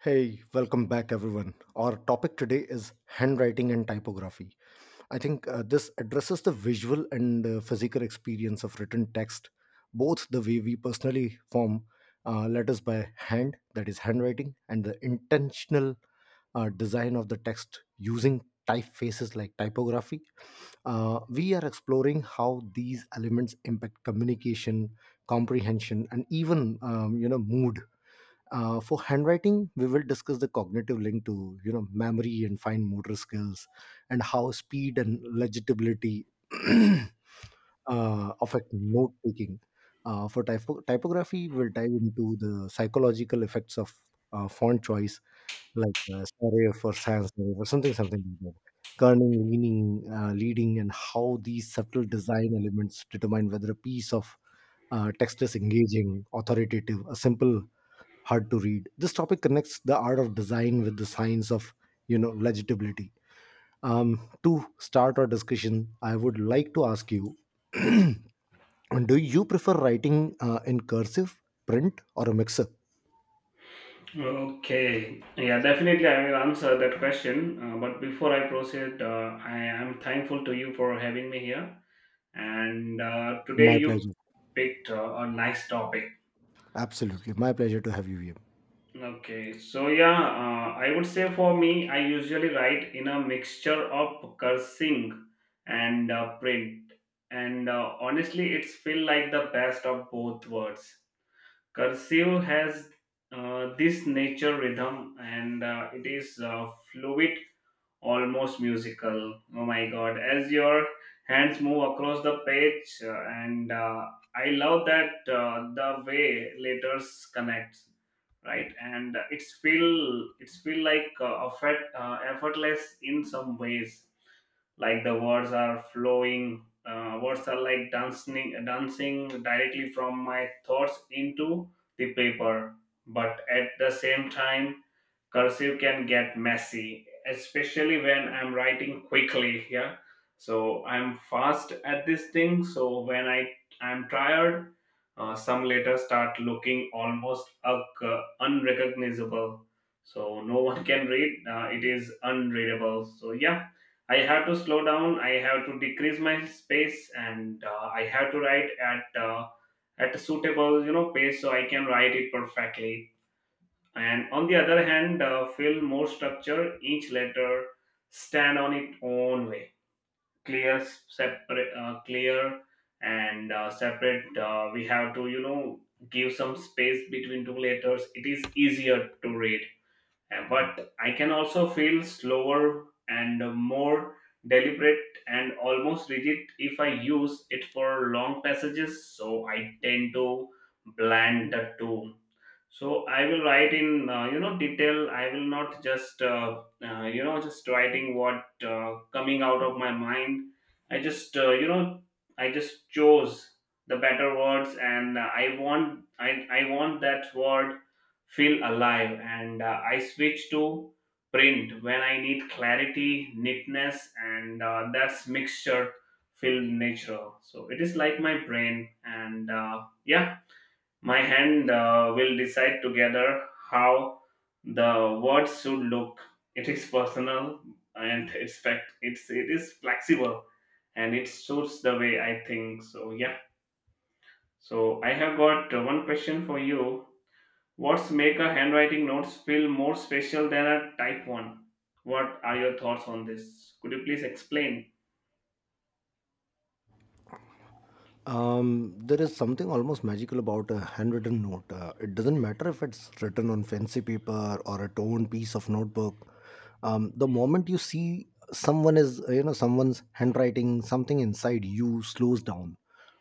Hey, welcome back, everyone. Our topic today is handwriting and typography. I think this addresses the visual and physical experience of written text, both the way we personally form letters by hand, that is, handwriting, and the intentional design of the text using typefaces like typography. We are exploring how these elements impact communication, comprehension, and even mood. For handwriting, we will discuss the cognitive link to memory and fine motor skills, and how speed and legibility affect note taking. For typography, we'll dive into the psychological effects of font choice, like serif or sans serif or something like that. Kerning, leaning, leading, and how these subtle design elements determine whether a piece of text is engaging, authoritative, a simple hard to read. This topic connects the art of design with the science of, legibility. To start our discussion, I would like to ask you: Do you prefer writing in cursive, print, or a mixer? Okay, yeah, definitely I will answer that question. But before I proceed, I am thankful to you for having me here. And Today My you pleasure. picked a nice topic. Absolutely, my pleasure to have you here. Okay, so yeah, I would say for me, I usually write in a mixture of cursing and print. And Honestly, it's feel like the best of both worlds. Cursive has this nature rhythm, and it is fluid, almost musical. Oh my god! As your hands move across the page, and I love that the way letters connect, right? And it's feel like effortless in some ways. Like the words are flowing. Words are like dancing, dancing directly from my thoughts into the paper. But at the same time, cursive can get messy, especially when I'm writing quickly. Yeah, so I'm fast at this thing, so when I'm tired, some letters start looking almost unrecognizable, so no one can read. It is unreadable, so yeah, I have to slow down, I have to decrease my space, and I have to write at a suitable pace, so I can write it perfectly. And on the other hand, feel more structure. Each letter stand on its own way, clear, separate, clear and separate. We have to, give some space between two letters. It is easier to read. But I can also feel slower and more deliberate and almost rigid if I use it for long passages, so I tend to blend the two. So I will write in, detail. I will not just, just writing what coming out of my mind. I just uh, you know i just chose the better words, and I want that word feel alive, and I switch to print when I need clarity, neatness, and that's mixture feel natural. So it is like my brain and, yeah my hand will decide together how the words should look. It is personal and it's fact. It is flexible and it suits the way I think. So yeah. So I have got one question for you. What's make a handwriting notes feel more special than a type one? What are your thoughts on this? Could you please explain? There is something almost magical about a handwritten note. It doesn't matter if it's written on fancy paper or a torn piece of notebook. The moment you see someone is, someone's handwriting, something inside you slows down.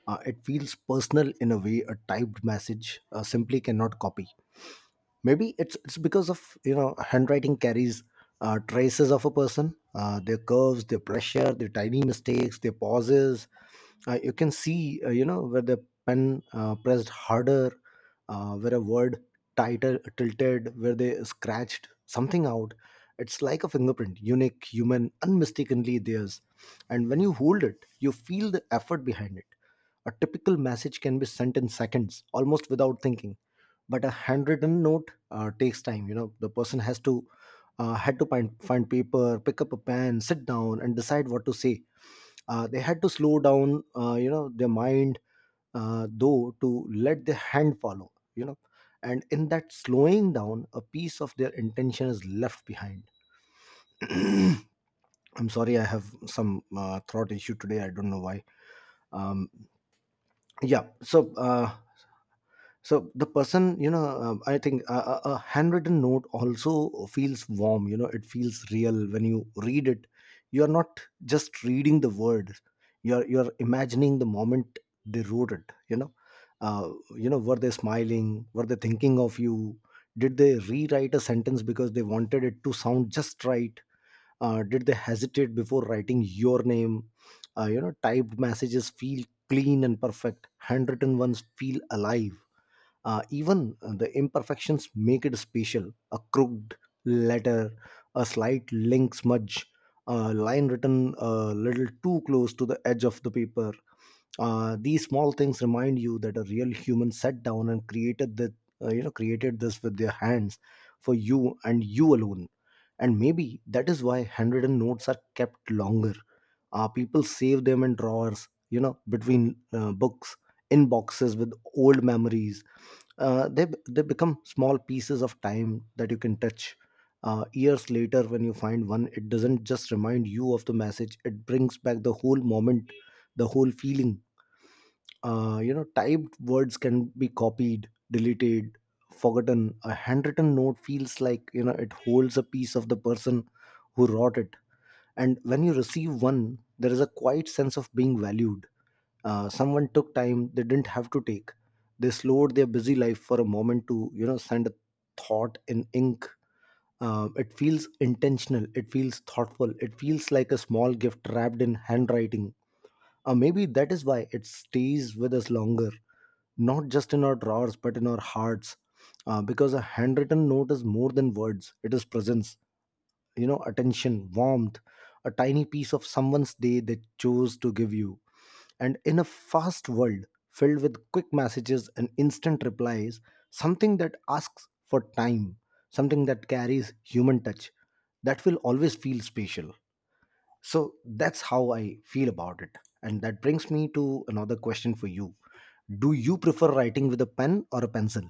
It feels personal in a way a typed message simply cannot copy. Maybe it's because of handwriting carries traces of a person, their curves, their pressure, their tiny mistakes, their pauses. You can see where the pen pressed harder, where a word tighter tilted, where they scratched something out. It's like a fingerprint, unique, human, unmistakably theirs. And when you hold it, you feel the effort behind it. A typical message can be sent in seconds, almost without thinking, but a handwritten note takes time. You know, the person has to had to find paper, pick up a pen, sit down, and decide what to say. They had to slow down, you know, their mind though, to let their hand follow, you know. And in that slowing down, a piece of their intention is left behind. I'm sorry, I have some throat issue today, I don't know why. Um, yeah so so the person, you know, I think a handwritten note also feels warm. You know, it feels real when you read it. You are not just reading the words. You're imagining the moment they wrote it, you know. Uh, you know, were they smiling? Were they thinking of you? Did they rewrite a sentence because they wanted it to sound just right? Did they hesitate before writing your name? You know, typed messages feel clean and perfect, handwritten ones feel alive. Even the imperfections make it special. A crooked letter, a slight link smudge, a line written a little too close to the edge of the paper. These small things remind you that a real human sat down and created the created this with their hands, for you and you alone. And maybe that is why handwritten notes are kept longer. People save them in drawers, you know, between books, in boxes with old memories. They become small pieces of time that you can touch. Years later, when you find one, it doesn't just remind you of the message, it brings back the whole moment, the whole feeling. You know, typed words can be copied, deleted, forgotten. A handwritten note feels like, it holds a piece of the person who wrote it. And when you receive one, there is a quiet sense of being valued. Uh, someone took time they didn't have to take. They slowed their busy life for a moment to, send a thought in ink. It feels intentional, it feels thoughtful, it feels like a small gift wrapped in handwriting. Uh, maybe that is why it stays with us longer, not just in our drawers but in our hearts. Uh, because a handwritten note is more than words, it is presence, you know, attention, warmth, a tiny piece of someone's day they chose to give you. And in a fast world filled with quick messages and instant replies, something that asks for time, something that carries human touch, that will always feel special. So that's how I feel about it. And that brings me to another question for you. Do you prefer writing with a pen or a pencil?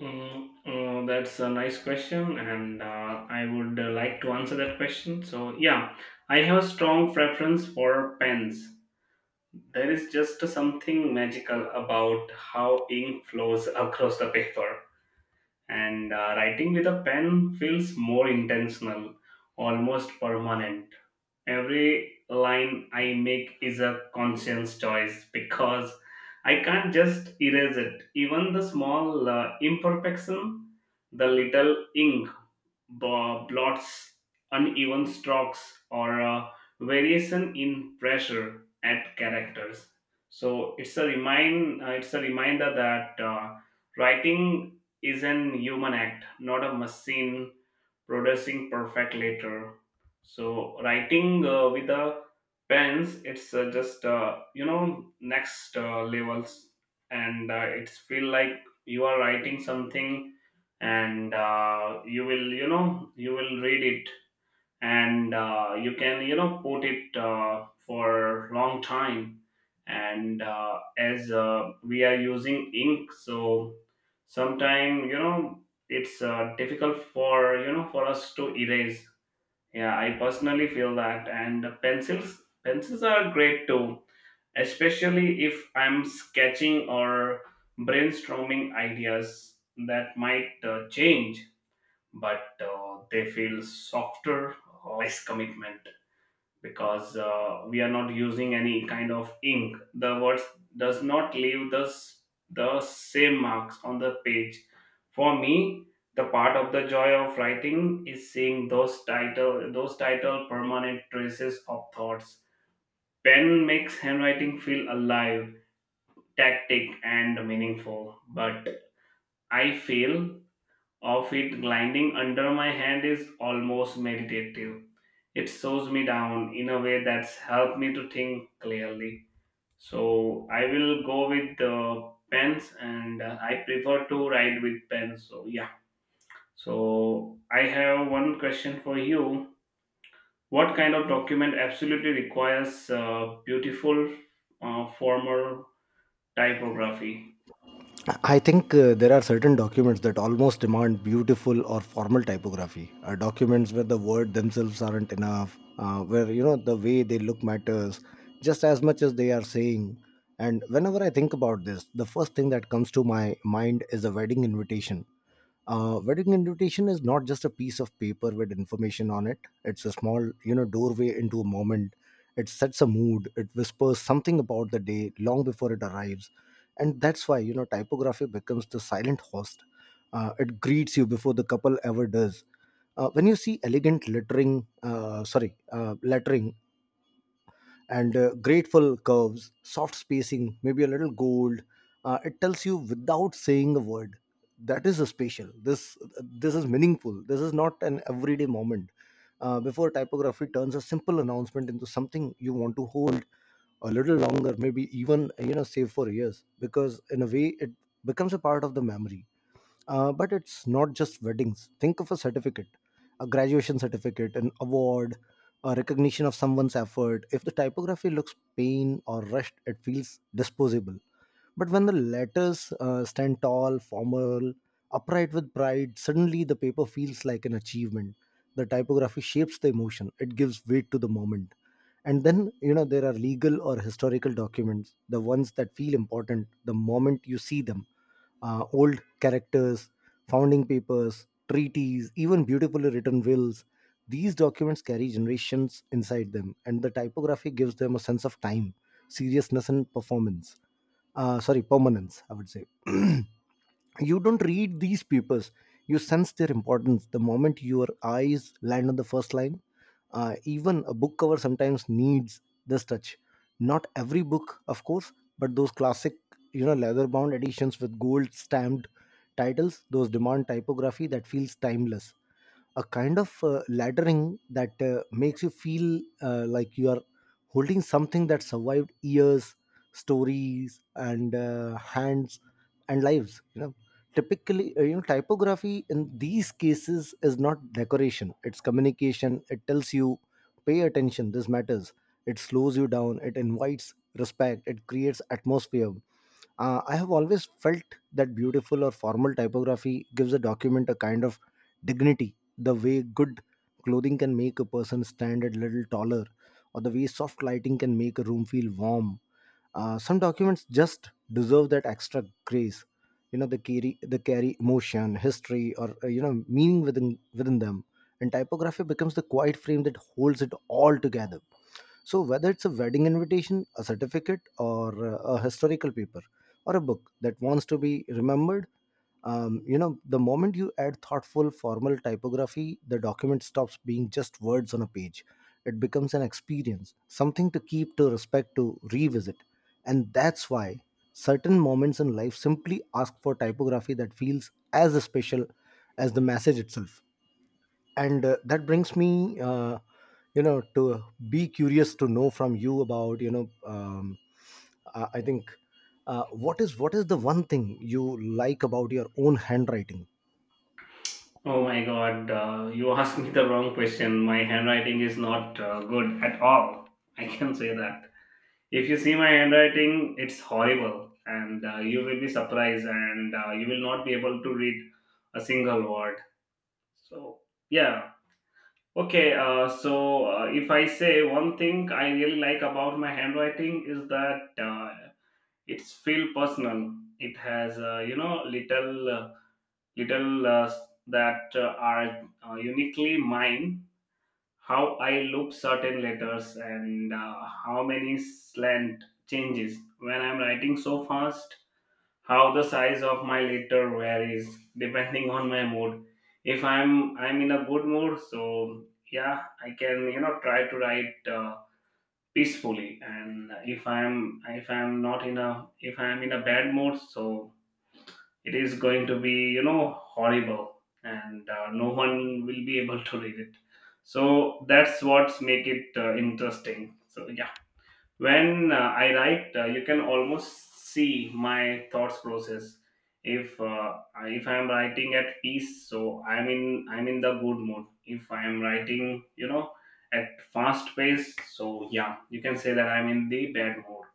Mm, that's a nice question, and I would like to answer that question. So, yeah, I have a strong preference for pens. There is just something magical about how ink flows across the paper, and writing with a pen feels more intentional, almost permanent. Every line I make is a conscious choice because I can't just erase it. Even the small imperfection, the little ink blots, uneven strokes, or variation in pressure at characters. So it's a reminder that writing is an human act, not a machine producing perfect letter. So writing with a pens, it's just, next levels, and it's feel like you are writing something, and you will read it, and you can, put it for long time. And as we are using ink, so sometime, it's difficult for, us to erase. Yeah, I personally feel that. And pencils are great too, especially if I'm sketching or brainstorming ideas that might change. But they feel softer, less commitment, because we are not using any kind of ink. The words does not leave the the same marks on the page. For me, the part of the joy of writing is seeing those title permanent traces of thoughts. Pen makes handwriting feel alive, tactic, and meaningful. But I feel of it gliding under my hand is almost meditative. It slows me down in a way that's helped me to think clearly. So I will go with the pens, and I prefer to write with pens. So yeah. So I have one question for you. What kind of document absolutely requires beautiful, formal typography? I think there are certain documents that almost demand beautiful or formal typography. Documents where the word themselves aren't enough, where you know the way they look matters just as much as they are saying. And whenever I think about this, the first thing that comes to my mind is a wedding invitation. Wedding invitation is not just a piece of paper with information on it, it's a small, you know, doorway into a moment. It sets a mood, it whispers something about the day long before it arrives. And that's why, you know, typography becomes the silent host. Uh, it greets you before the couple ever does. Uh, when you see elegant lettering, sorry, lettering and grateful curves, soft spacing, maybe a little gold. It tells you without saying a word. That is a special. This is meaningful. This is not an everyday moment. Before typography turns a simple announcement into something you want to hold a little longer, maybe even, you know, save for years, because in a way it becomes a part of the memory. Uh, but it's not just weddings. Think of a certificate, a graduation certificate, an award, a recognition of someone's effort. If the typography looks plain or rushed, it feels disposable. But when the letters stand tall, formal, upright with pride, suddenly the paper feels like an achievement. The typography shapes the emotion, it gives weight to the moment. And then, you know, there are legal or historical documents, the ones that feel important the moment you see them. Old characters, founding papers, treaties, even beautifully written wills. These documents carry generations inside them, and the typography gives them a sense of time, seriousness, and performance. Sorry, permanence, I would say. You don't read these papers, you sense their importance the moment your eyes land on the first line. Uh, even a book cover sometimes needs this touch. Not every book, of course, but those classic, you know, leather bound editions with gold stamped titles, those demand typography that feels timeless, a kind of laddering that makes you feel like you are holding something that survived years, stories, and hands and lives, you know. Typically, typography in these cases is not decoration, it's communication. It tells you, pay attention, this matters. It slows you down, it invites respect, it creates atmosphere. Uh, I have always felt that beautiful or formal typography gives a document a kind of dignity, the way good clothing can make a person stand a little taller, or the way soft lighting can make a room feel warm. Some documents just deserve that extra grace. You know, they carry, they carry emotion, history, or, meaning within them. And typography becomes the quiet frame that holds it all together. So, whether it's a wedding invitation, a certificate, or a historical paper, or a book that wants to be remembered, the moment you add thoughtful, formal typography, the document stops being just words on a page. It becomes an experience, something to keep, to respect, to revisit. And that's why certain moments in life simply ask for typography that feels as special as the message itself. And that brings me, you know to be curious to know from you about, um, I think, what is the one thing you like about your own handwriting? Oh my god, you asked me the wrong question. My handwriting is not good at all. I can say that. If you see my handwriting, it's horrible, and you will be surprised, and you will not be able to read a single word. So, yeah. Okay, so if I say, one thing I really like about my handwriting is that it's feel personal. It has, little. Little that are uniquely mine, how I loop certain letters, and how many slant changes when I'm writing so fast, how the size of my letter varies depending on my mood. If I'm in a good mood, so yeah, I can, try to write peacefully. And if i'm if i'm not in a if I'm in a bad mood, so it is going to be, horrible, and no one will be able to read it. So that's what's make it interesting. So yeah, when I write, you can almost see my thoughts process. If if I'm writing at peace, so I'm in the good mood. If I am writing, at fast pace, so yeah, you can say that I'm in the bad mood.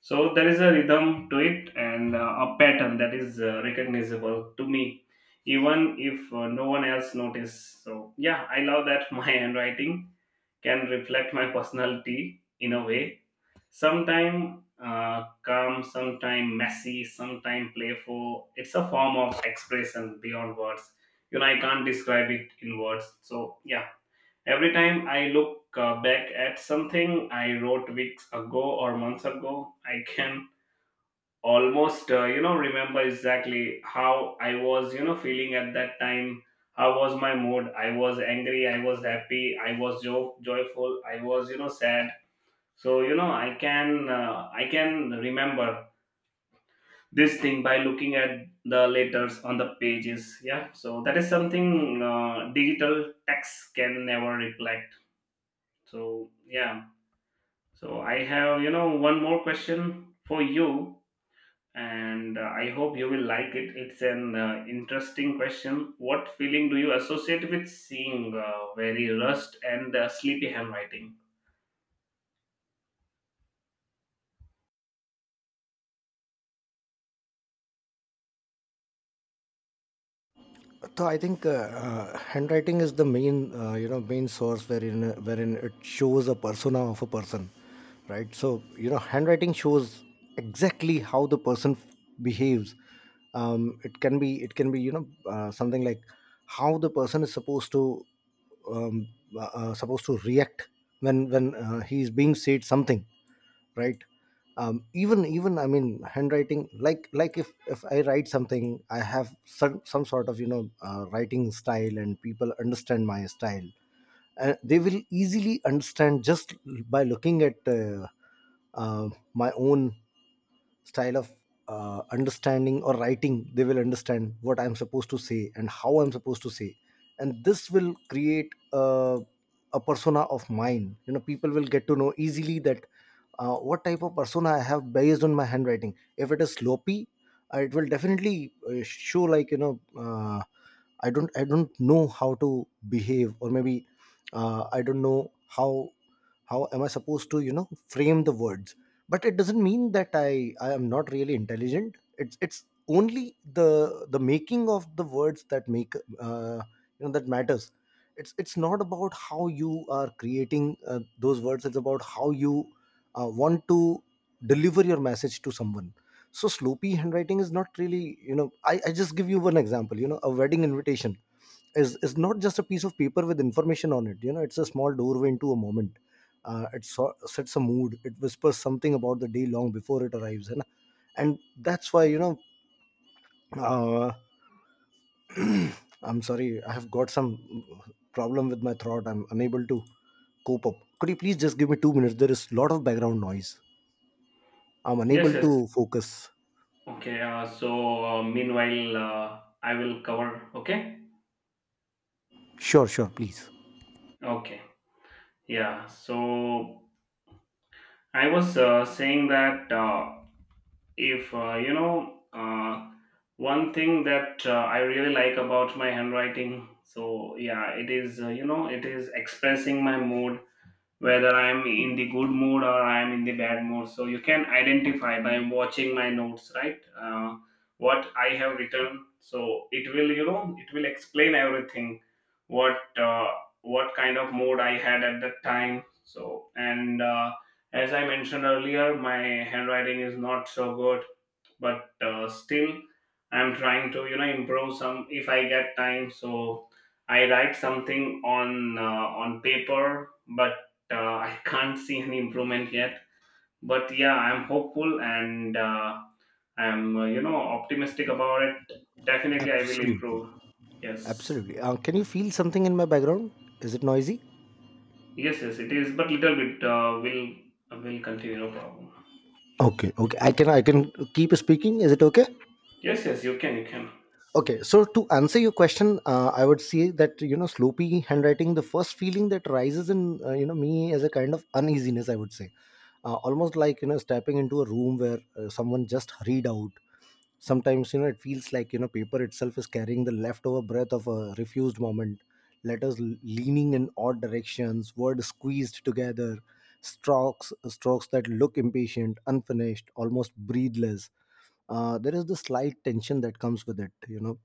So there is a rhythm to it, and a pattern that is recognizable to me, even if no one else notice. So yeah, I love that my handwriting can reflect my personality in a way. Sometime calm, sometime messy, sometime playful. It's a form of expression beyond words. I can't describe it in words. So yeah, every time I look back at something I wrote weeks ago or months ago, I can almost, remember exactly how I was, feeling at that time. How was my mood? I was angry, I was happy, I was joyful, I was, sad. So, I can remember this thing by looking at the letters on the pages. Yeah, so that is something digital text can never reflect. So yeah, so I have, one more question for you, and I hope you will like it. It's an interesting question. What feeling do you associate with seeing very rust and sleepy handwriting? So I think, handwriting is the main, you know, main source wherein it shows a persona of a person, right? So you know, handwriting shows exactly how the person behaves. It can be, you know, something like how the person is supposed to um, supposed to react when he is being said something, right. Even I mean, handwriting, like if I write something, I have some sort of, you know, writing style, and people understand my style, and they will easily understand just by looking at my own style of understanding or writing. They will understand what I'm supposed to say and how I'm supposed to say, and this will create a persona of mine. You know, people will get to know easily that what type of persona I have based on my handwriting. If it is sloppy, it will definitely show, like, you know, I don't know how to behave, or maybe I don't know how am I supposed to, you know, frame the words. But it doesn't mean that I am not really intelligent. It's only the making of the words that make, uh, you know, that matters. It's not about how you are creating those words. It's about how you want to deliver your message to someone. So sloppy handwriting is not really, you know, I just give you one example. You know, a wedding invitation is not just a piece of paper with information on it. You know, it's a small doorway into a moment. It sets a mood. It whispers something about the day long before it arrives. And and that's why, you know, uh, I'm sorry, I have got some problem with my throat. I'm unable to cope up. Could you please just give me 2 minutes? There is a lot of background noise. I'm Yes, unable yes. to focus. Okay, so meanwhile, I will cover. Okay, Sure, sure, please. okay, yeah. So I was saying that, if, one thing that I really like about my handwriting, so yeah, it is expressing my mood, whether I'm in the good mood or I'm in the bad mood. So you can identify by watching my notes, right? What I have written. So it will explain everything. What uh, what kind of mood I had at that time. So, and as I mentioned earlier, my handwriting is not so good, but still I'm trying to, improve some if I get time. So I write something on on paper, but I can't see any improvement yet. But yeah, I'm hopeful, and I'm, optimistic about it. Definitely, I will Absolutely, improve. Yes, absolutely. Can you feel something in my background? Is it noisy? yes, yes. It is, but little bit will continue. No problem. Okay, okay. I can keep speaking. Is it okay? Yes, yes. You can. Okay. So to answer your question, I would say that, you know, sloppy handwriting, the first feeling that rises in, you know, me is a kind of uneasiness, I would say. Almost like, you know, stepping into a room where someone just hurried out. Sometimes, you know, it feels like, you know, paper itself is carrying the leftover breath of a refused moment. Letters leaning in odd directions, words squeezed together, strokes that look impatient, unfinished, almost breathless. There is the slight tension that comes with it, you know.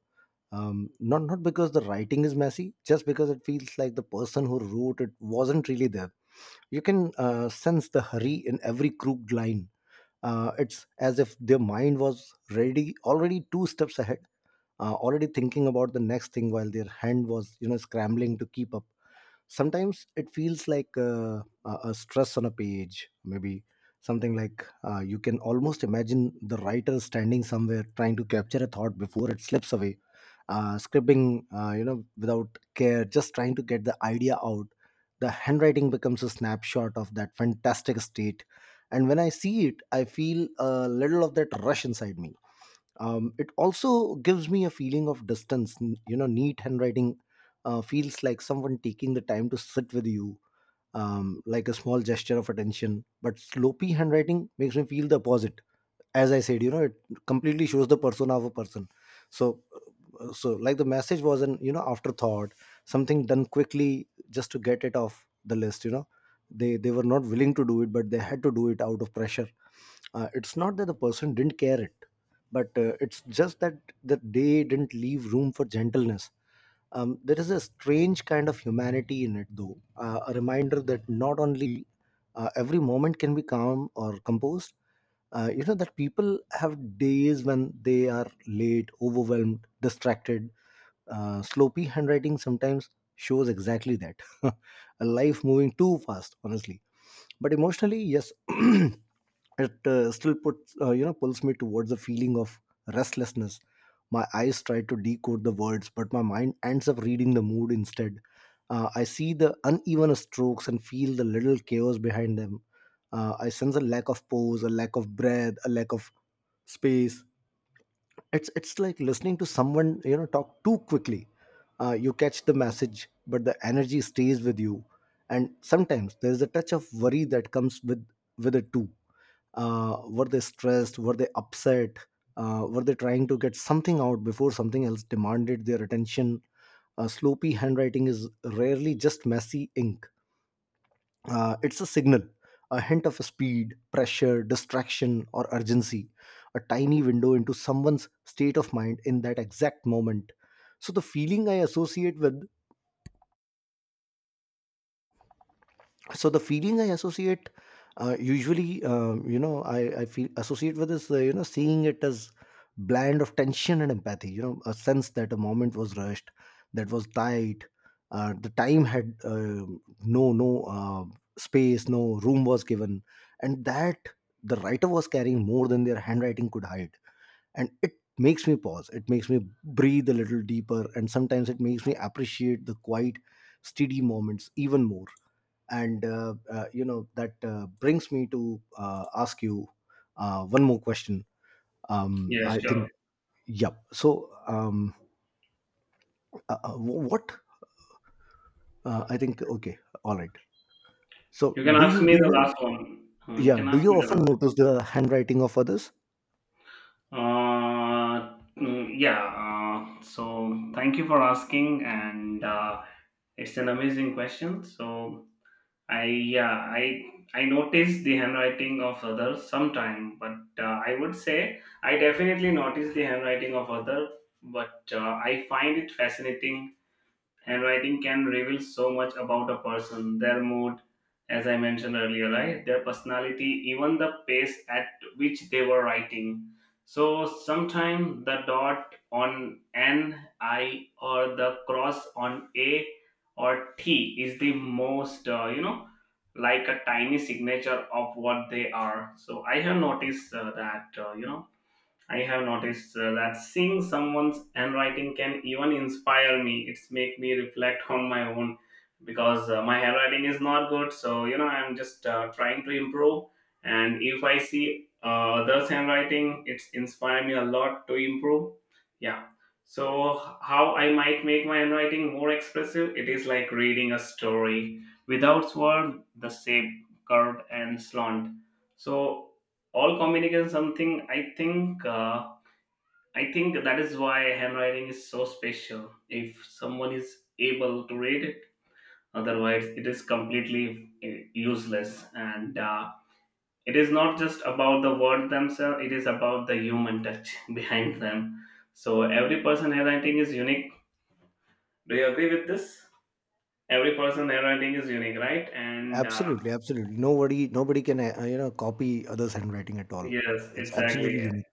Not because the writing is messy, just because it feels like the person who wrote it wasn't really there. You can sense the hurry in every crooked line. It's as if their mind was ready already two steps ahead, already thinking about the next thing while their hand was, you know, scrambling to keep up. Sometimes it feels like a stress on a page. Maybe something like, you can almost imagine the writer standing somewhere trying to capture a thought before it slips away, scribbling, you know, without care, just trying to get the idea out. The handwriting becomes a snapshot of that fantastic state. And when I see it, I feel a little of that rush inside me. It also gives me a feeling of distance. You know, neat handwriting feels like someone taking the time to sit with you, like a small gesture of attention. But sloppy handwriting makes me feel the opposite. As I said, you know, it completely shows the persona of a person. So uh, so like the message was an, you know, afterthought, something done quickly just to get it off the list, you know. They were not willing to do it, but they had to do it out of pressure. It's not that the person didn't care it, but it's just that they didn't leave room for gentleness. There is a strange kind of humanity in it, though. A reminder that not only every moment can be calm or composed. You know, that people have days when they are late, overwhelmed, distracted. Sloppy handwriting sometimes shows exactly that. A life moving too fast, honestly. But emotionally, yes, it still puts, you know, pulls me towards a feeling of restlessness. My eyes try to decode the words, but my mind ends up reading the mood instead. I see the uneven strokes and feel the little chaos behind them. I sense a lack of pose, a lack of breath, a lack of space. It's like listening to someone, you know, talk too quickly. You catch the message, but the energy stays with you. And sometimes there's a touch of worry that comes with it too. Were they stressed? Were they upset? Were they trying to get something out before something else demanded their attention? Sloppy handwriting is rarely just messy ink. It's a signal, a hint of speed, pressure, distraction or urgency, a tiny window into someone's state of mind in that exact moment. so the feeling i associate with so the feeling I associate usually, you know, I feel associate with this, you know, seeing it as blend of tension and empathy, you know, a sense that a moment was rushed, that was tight. The time had, no space, no room was given, and that the writer was carrying more than their handwriting could hide. And it makes me pause, it makes me breathe a little deeper, and sometimes it makes me appreciate the quiet, steady moments even more. And you know, that brings me to ask you one more question. Yes, I think sure. Yeah. So wh- what I think okay all right so You can ask me do the you last one. You Yeah, can do ask you me the often last. notice the handwriting of others? Mm, yeah. So thank you for asking, and it's an amazing question. So I yeah, I notice the handwriting of others sometime, but I would say I definitely notice the handwriting of other, but I find it fascinating. Handwriting can reveal so much about a person, their mood, as I mentioned earlier, right? Their personality, even the pace at which they were writing. So sometimes the dot on N, I, or the cross on A or T is the most, like a tiny signature of what they are. So I have noticed that seeing someone's handwriting can even inspire me. It's make me reflect on my own, because my handwriting is not good. So, I'm just trying to improve. And if I see others' handwriting, it's inspire me a lot to improve. Yeah. So how I might make my handwriting more expressive? It is like reading a story without word, the shape curved and slant. So all communication something I think that is why handwriting is so special, if someone is able to read it. Otherwise it is completely useless, and it is not just about the word themselves, it is about the human touch behind them. So every person handwriting is unique. Do you agree with this? Every person handwriting is unique, right? And Absolutely, absolutely. Nobody, nobody can you know, copy others' handwriting at all. yes, It's exactly. absolutely unique.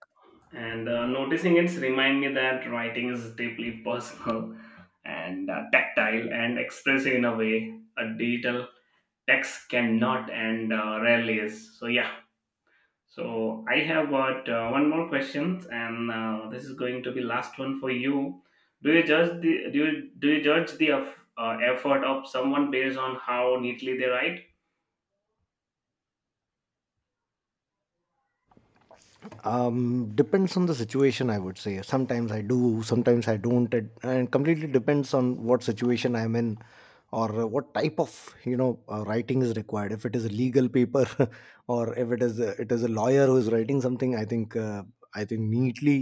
And noticing it's remind me that writing is deeply personal and tactile and expressive in a way a digital text cannot, and rarely is. So yeah. So I have got one more question, and this is going to be last one for you. Do you judge the effort of someone based on how neatly they write? Depends on the situation, I would say. Sometimes I do, sometimes I don't, it, and completely depends on what situation I'm in, or what type of, you know, writing is required. If it is a legal paper or if it is it is a lawyer who is writing something, I think neatly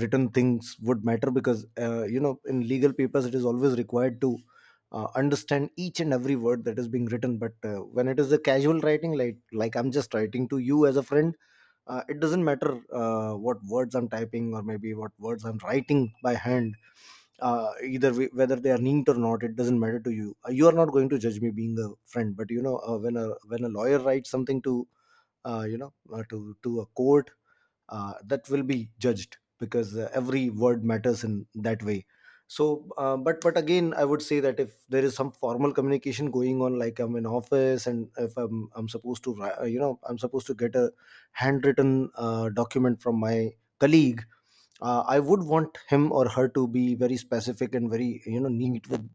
written things would matter, because you know, in legal papers it is always required to understand each and every word that is being written. But when it is a casual writing, like I'm just writing to you as a friend, it doesn't matter what words I'm typing, or maybe what words I'm writing by hand. Either way, whether they are neat or not, it doesn't matter to you. You are not going to judge me being a friend. But you know, when a lawyer writes something to uh, you know uh, to to a court, that will be judged, because every word matters in that way. But again, I would say that if there is some formal communication going on, like I'm in office, and if I'm supposed to wri- you know I'm supposed to get a handwritten document from my colleague, I would want him or her to be very specific and very, you know, neat with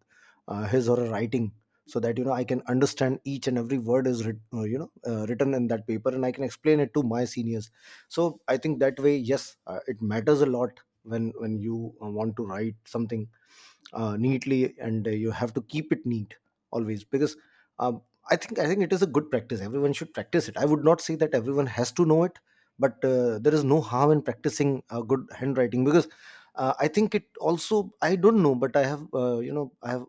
his or her writing, so that, you know, I can understand each and every word is written in that paper, and I can explain it to my seniors. So I think that way, yes, it matters a lot when you want to write something neatly, and you have to keep it neat always, because um, I think it is a good practice. Everyone should practice it. I would not say that everyone has to know it, but there is no harm in practicing good handwriting, because I think it also, I don't know, but I have, you know, I have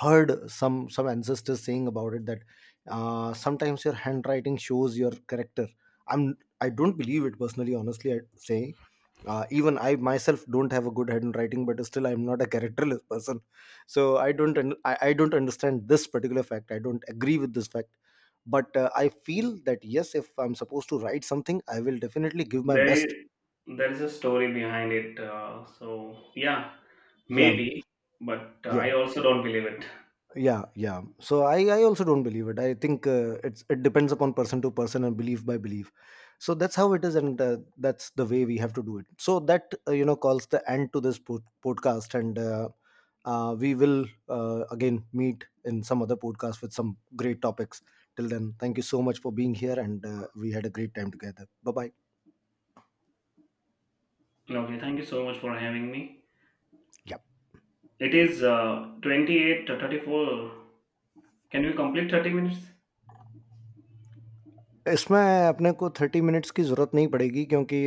heard some ancestors saying about it, that sometimes your handwriting shows your character. i'm I don't believe it personally, honestly. I'd say even I myself don't have a good head in writing, but still I'm not a characterless person. So I don't I don't understand this particular fact. I don't agree with this fact, but I feel that yes, if I'm supposed to write something, I will definitely give my There best. is there is a story behind it. So yeah, Yeah, maybe, but yeah. I also don't believe it. Yeah, yeah. So I also don't believe it. I think it depends upon person to person and belief by belief. So that's how it is, and that's the way we have to do it. So that, you know, calls the end to this podcast, and we will again meet in some other podcast with some great topics. Till then, thank you so much for being here, and we had a great time together. Bye bye. Okay, thank you so much for having me. Yep. It is 28 to 34. Can we complete 30 minutes? इसमें अपने को thirty minutes की ज़रूरत नहीं पड़ेगी क्योंकि